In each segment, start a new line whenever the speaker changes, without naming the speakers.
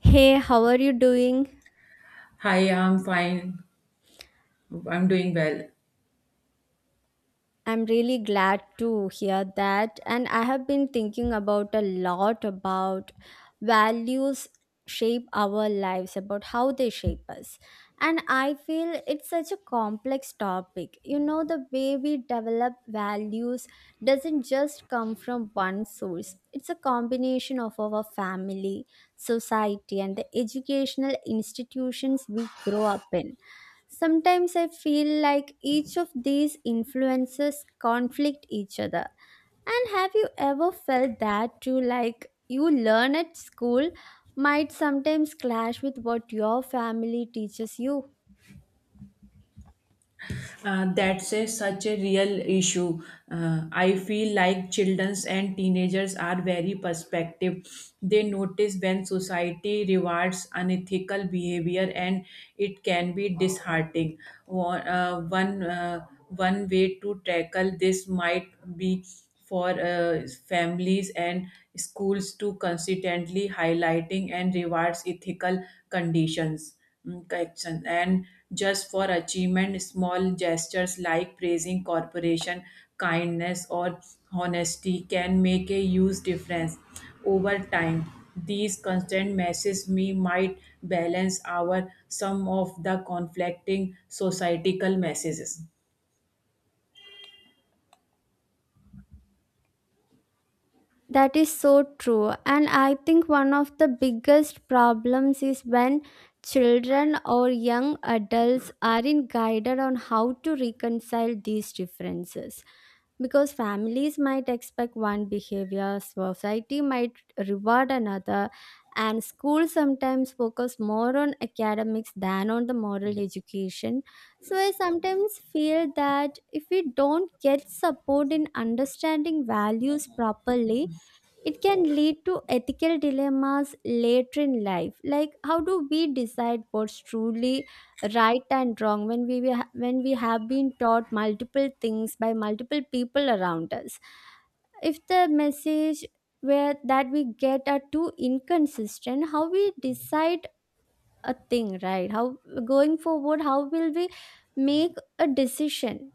Hey, how are you doing?
Hi, I'm fine. I'm doing well.
I'm really glad to hear that. And I have been thinking about a lot about values shape our lives, about how they shape us. And I feel it's such a complex topic. You know, the way we develop values doesn't just come from one source, it's a combination of our family, society, and the educational institutions we grow up in. Sometimes I feel like each of these influences conflict each other. And have you ever felt that too? Like you learn at school might sometimes clash with what your family teaches you?
That's a, such a real issue. I feel like children and teenagers are very perspective. They notice when society rewards unethical behavior, and it can be disheartening. One, one way to tackle this might be for families and schools to consistently highlighting and rewards ethical conditions, correction and just for achievement. Small gestures like praising corporation, kindness, or honesty can make a huge difference over time. These constant messages me might balance our some of the conflicting societal messages.
That is so true. And I think one of the biggest problems is when children or young adults aren't guided on how to reconcile these differences. Because families might expect one behavior, society might reward another, and schools sometimes focus more on academics than on the moral education. So I sometimes feel that if we don't get support in understanding values properly, it can lead to ethical dilemmas later in life, like how do we decide what's truly right and wrong when when we have been taught multiple things by multiple people around us? If the message where that we get are too inconsistent, how we decide a thing, right? How going forward, how will we make a decision?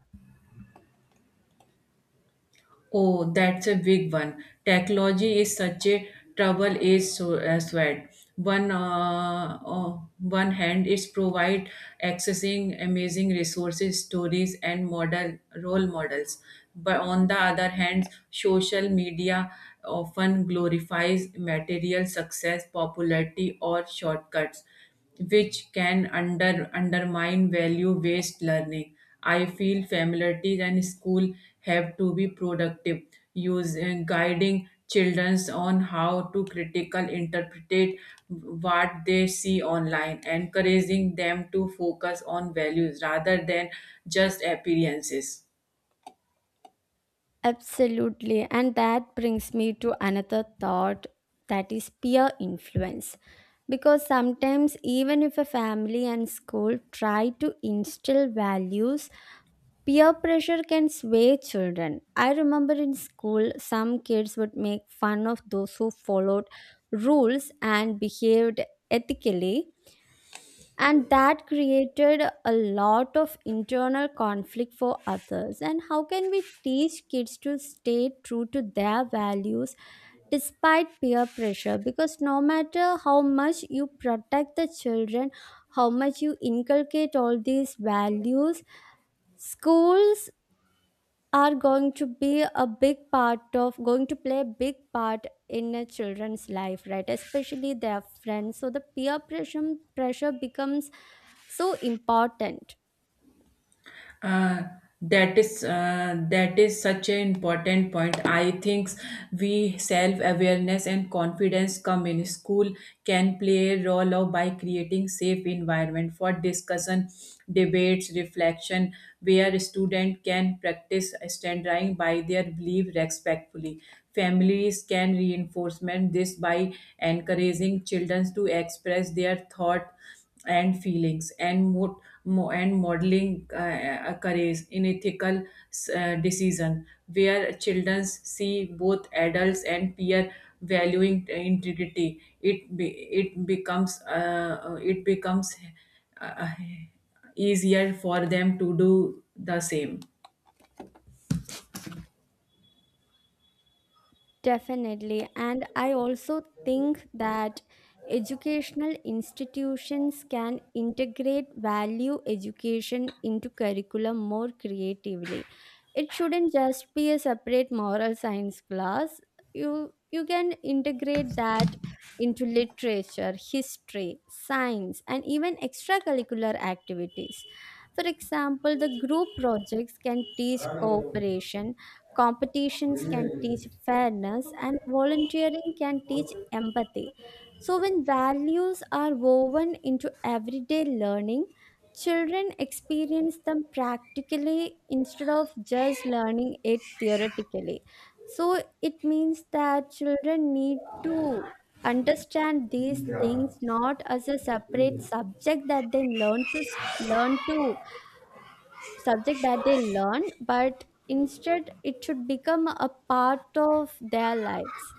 Oh, that's a big one. Technology is such a trouble is so as well. One one hand is provide accessing amazing resources, stories, and model role models. But on the other hand, social media often glorifies material success, popularity, or shortcuts, which can undermine value-based learning. I feel familiarity and school have to be productive, using guiding children on how to critical interpret what they see online, encouraging them to focus on values rather than just appearances.
Absolutely. And that brings me to another thought that is peer influence. Because sometimes, even if a family and school try to instill values, peer pressure can sway children. I remember in school, some kids would make fun of those who followed rules and behaved ethically, and that created a lot of internal conflict for others. And how can we teach kids to stay true to their values despite peer pressure? Because no matter how much you protect the children, how much you inculcate all these values, schools are going to be a big part of, going to play a big part in a children's life, right? Especially their friends. So the peer pressure becomes so important.
Uh, that is such an important point. I think we self awareness and confidence come in school can play a role of by creating safe environment for discussion, debates, reflection, where student can practice standing by their belief respectfully. Families can reinforcement this by encouraging children to express their thought and feelings and and modeling courage in ethical decision where children see both adults and peer valuing integrity it becomes uh, easier for them to do the same.
Definitely. And I also think that educational institutions can integrate value education into curriculum more creatively. It shouldn't just be a separate moral science class. You can integrate that into literature, history, science, and even extracurricular activities. For example, the group projects can teach cooperation, competitions can teach fairness, and volunteering can teach empathy. So, when values are woven into everyday learning, children experience them practically instead of just learning it theoretically. So, it means that children need to understand these
Yeah.
things not as a separate subject that they learn to, subject that they learn, but instead it should become a part of their lives.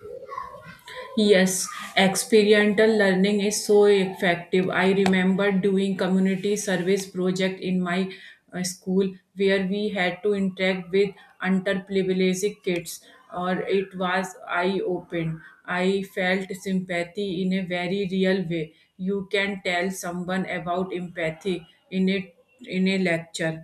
Yes, experiential learning is so effective. I remember doing community service project in my school where we had to interact with underprivileged kids or it was eye open. I felt sympathy in a very real way. You can tell someone about empathy in a in a lecture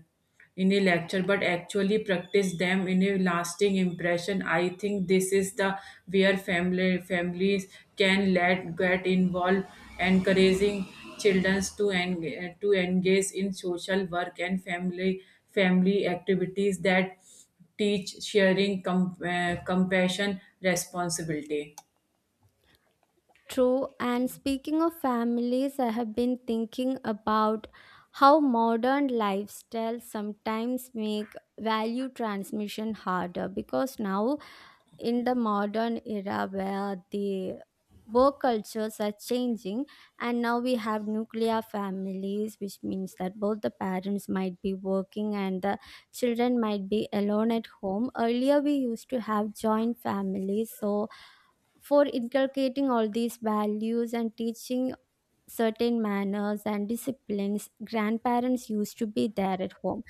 in a lecture but actually practice them in a lasting impression. I think this is the where family families can let get involved encouraging children to to engage in social work and family activities that teach sharing, compassion, responsibility.
True. And speaking of families, I have been thinking about how modern lifestyles sometimes make value transmission harder, because now in the modern era where the work cultures are changing, and now we have nuclear families, which means that both the parents might be working and the children might be alone at home. Earlier we used to have joint families, so for inculcating all these values and teaching certain manners and disciplines, grandparents used to be there at home.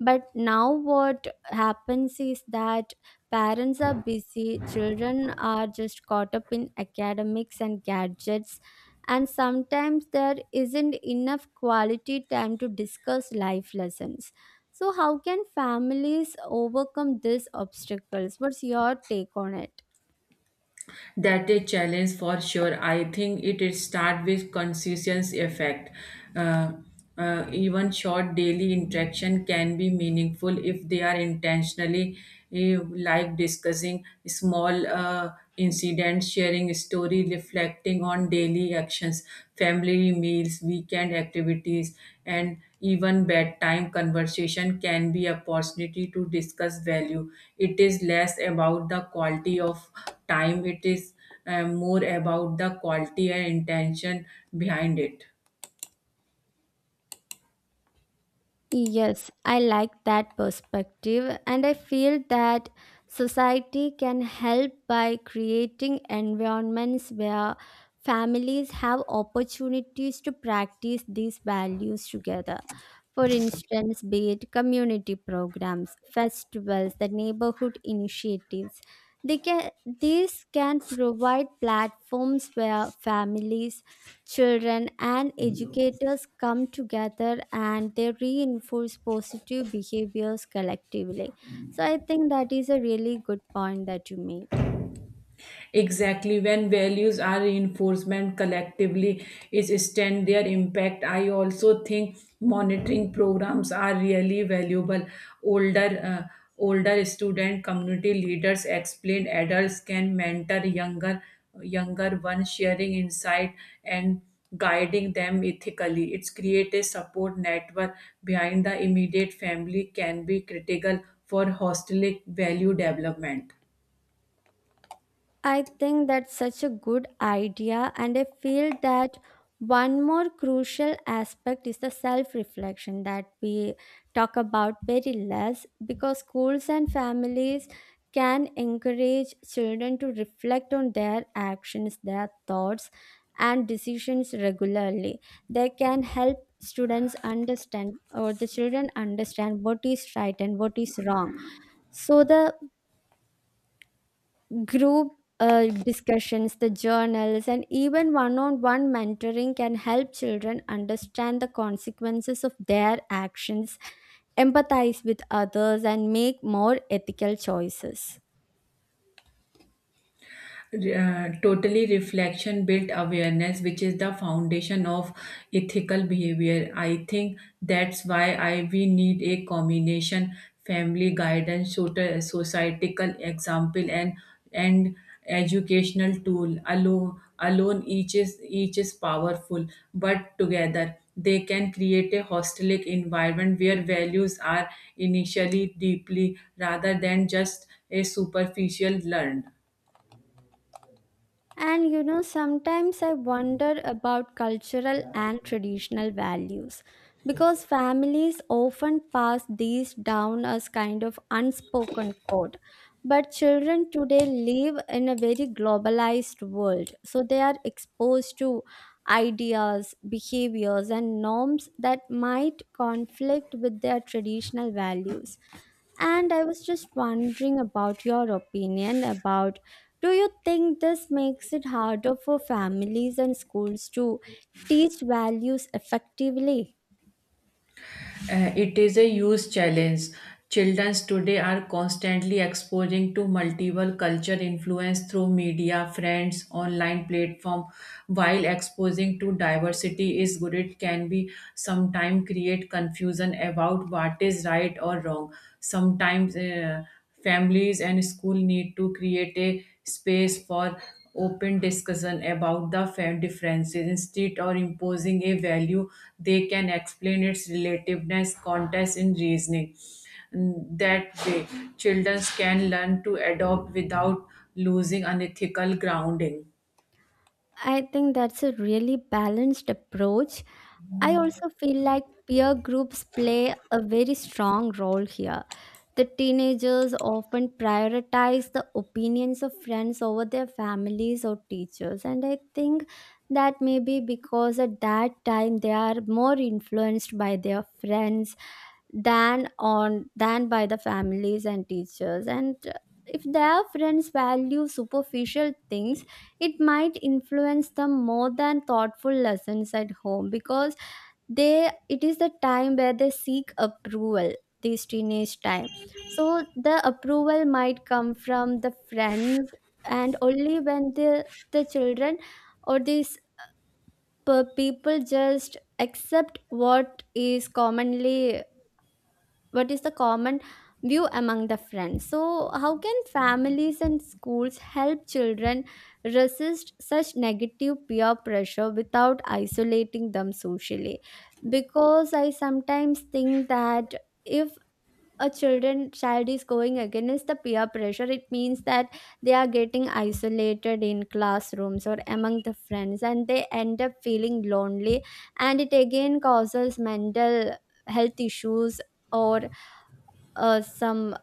But now what happens is that parents are busy, children are just caught up in academics and gadgets, and sometimes there isn't enough quality time to discuss life lessons. So how can families overcome these obstacles? What's your take on it?
That a challenge for sure. I think it is start with consistency effect. uh, Even short daily interaction can be meaningful if they are intentionally, like discussing small incidents, sharing story, reflecting on daily actions. Family meals, weekend activities, and even bedtime conversation can be opportunity to discuss value. It is less about the quality of time. It is more about the quality and intention behind it.
Yes, I like that perspective, and I feel that society can help by creating environments where families have opportunities to practice these values together. For instance, be it community programs, festivals, the neighborhood initiatives. These can provide platforms where families, children, and educators come together and they reinforce positive behaviors collectively. So I think that is a really good point that you made.
Exactly, when values are reinforcement collectively is stand their impact. I also think monitoring programs are really valuable. Older uh, Older student, community leaders, explain adults can mentor younger ones, sharing insight and guiding them ethically. It's create a support network behind the immediate family can be critical for holistic value development.
I think that's such a good idea, and I feel that one more crucial aspect is the self reflection that we talk about very less, because schools and families can encourage children to reflect on their actions, their thoughts, and decisions regularly. They can help students understand, or the children understand, what is right and what is wrong. So the group, discussions, the journals, and even one on one mentoring can help children understand the consequences of their actions, empathize with others, and make more ethical choices.
Totally reflection built awareness, which is the foundation of ethical behavior. I think that's why I we need a combination family guidance, societal example, and educational tool. Alone each is powerful, but together they can create a hostelic environment where values are initially deeply rather than just a superficial learned.
And you know, sometimes I wonder about cultural and traditional values, because families often pass these down as kind of unspoken code. But children today live in a very globalized world, so they are exposed to ideas, behaviors, and norms that might conflict with their traditional values. And I was just wondering about your opinion about, do you think this makes it harder for families and schools to teach values effectively?
It is a huge challenge. Children today are constantly exposing to multiple culture influence through media, friends, online platform. While exposing to diversity is good, it can be sometimes create confusion about what is right or wrong. Sometimes families and school need to create a space for open discussion about the differences instead of imposing a value. They can explain its relativeness context in reasoning. That way children can learn to adopt without losing unethical grounding.
I think that's a really balanced approach. I also feel like peer groups play a very strong role here. The teenagers often prioritize the opinions of friends over their families or teachers, and I think that may be because at that time they are more influenced by their friends than on, than by the families and teachers, and if their friends value superficial things, it might influence them more than thoughtful lessons at home. Because they, it is the time where they seek approval, this teenage time, so the approval might come from the friends. And only when the children, or these people just accept what is commonly, what is the common view among the friends. So how can families and schools help children resist such negative peer pressure without isolating them socially? Because I sometimes think that if a children, child is going against the peer pressure, it means that they are getting isolated in classrooms or among the friends, and they end up feeling lonely, and it again causes mental health issues, or uh, some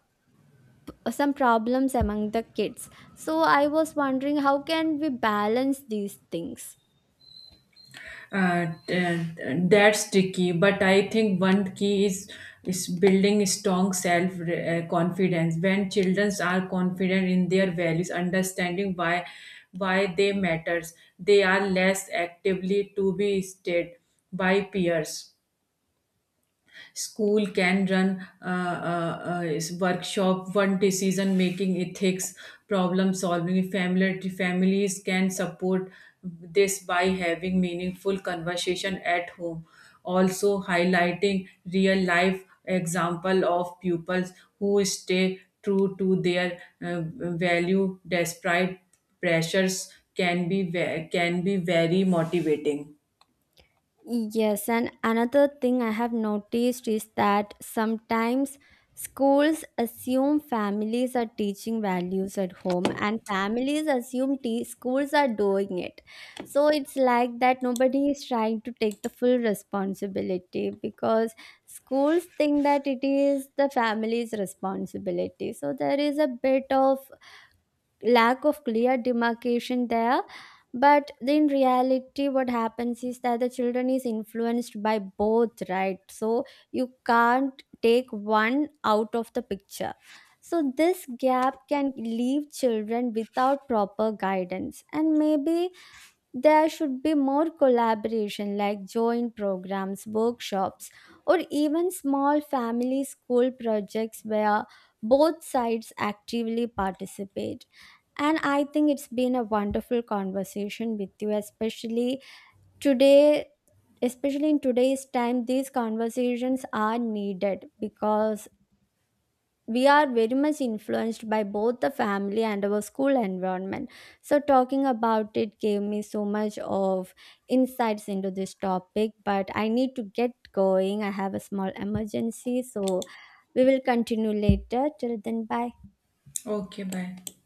some problems among the kids. So I was wondering, how can we balance these things?
uh, uh, that's tricky, but I think one key is building strong self confidence. When children are confident in their values, understanding why they matters, they are less actively to be stated by peers. School can run is workshop one decision making, ethics, problem solving. Family Families can support this by having meaningful conversation at home, also highlighting real life example of pupils who stay true to their uh, value. Despite pressures can be can be very motivating.
Yes, and another thing I have noticed is that sometimes schools assume families are teaching values at home, and families assume schools are doing it. So it's like that nobody is trying to take the full responsibility, because schools think that it is the family's responsibility. So there is a bit of lack of clear demarcation there, but in reality what happens is that the children is influenced by both, right? So you can't take one out of the picture. So this gap can leave children without proper guidance, and maybe there should be more collaboration, like joint programs, workshops, or even small family school projects where both sides actively participate. And I think it's been a wonderful conversation with you, especially today. Especially in today's time, these conversations are needed because we are very much influenced by both the family and our school environment. So talking about it gave me so much of insights into this topic, but I need to get going, I have a small emergency, so we will continue later. Till then, bye.
Okay, bye.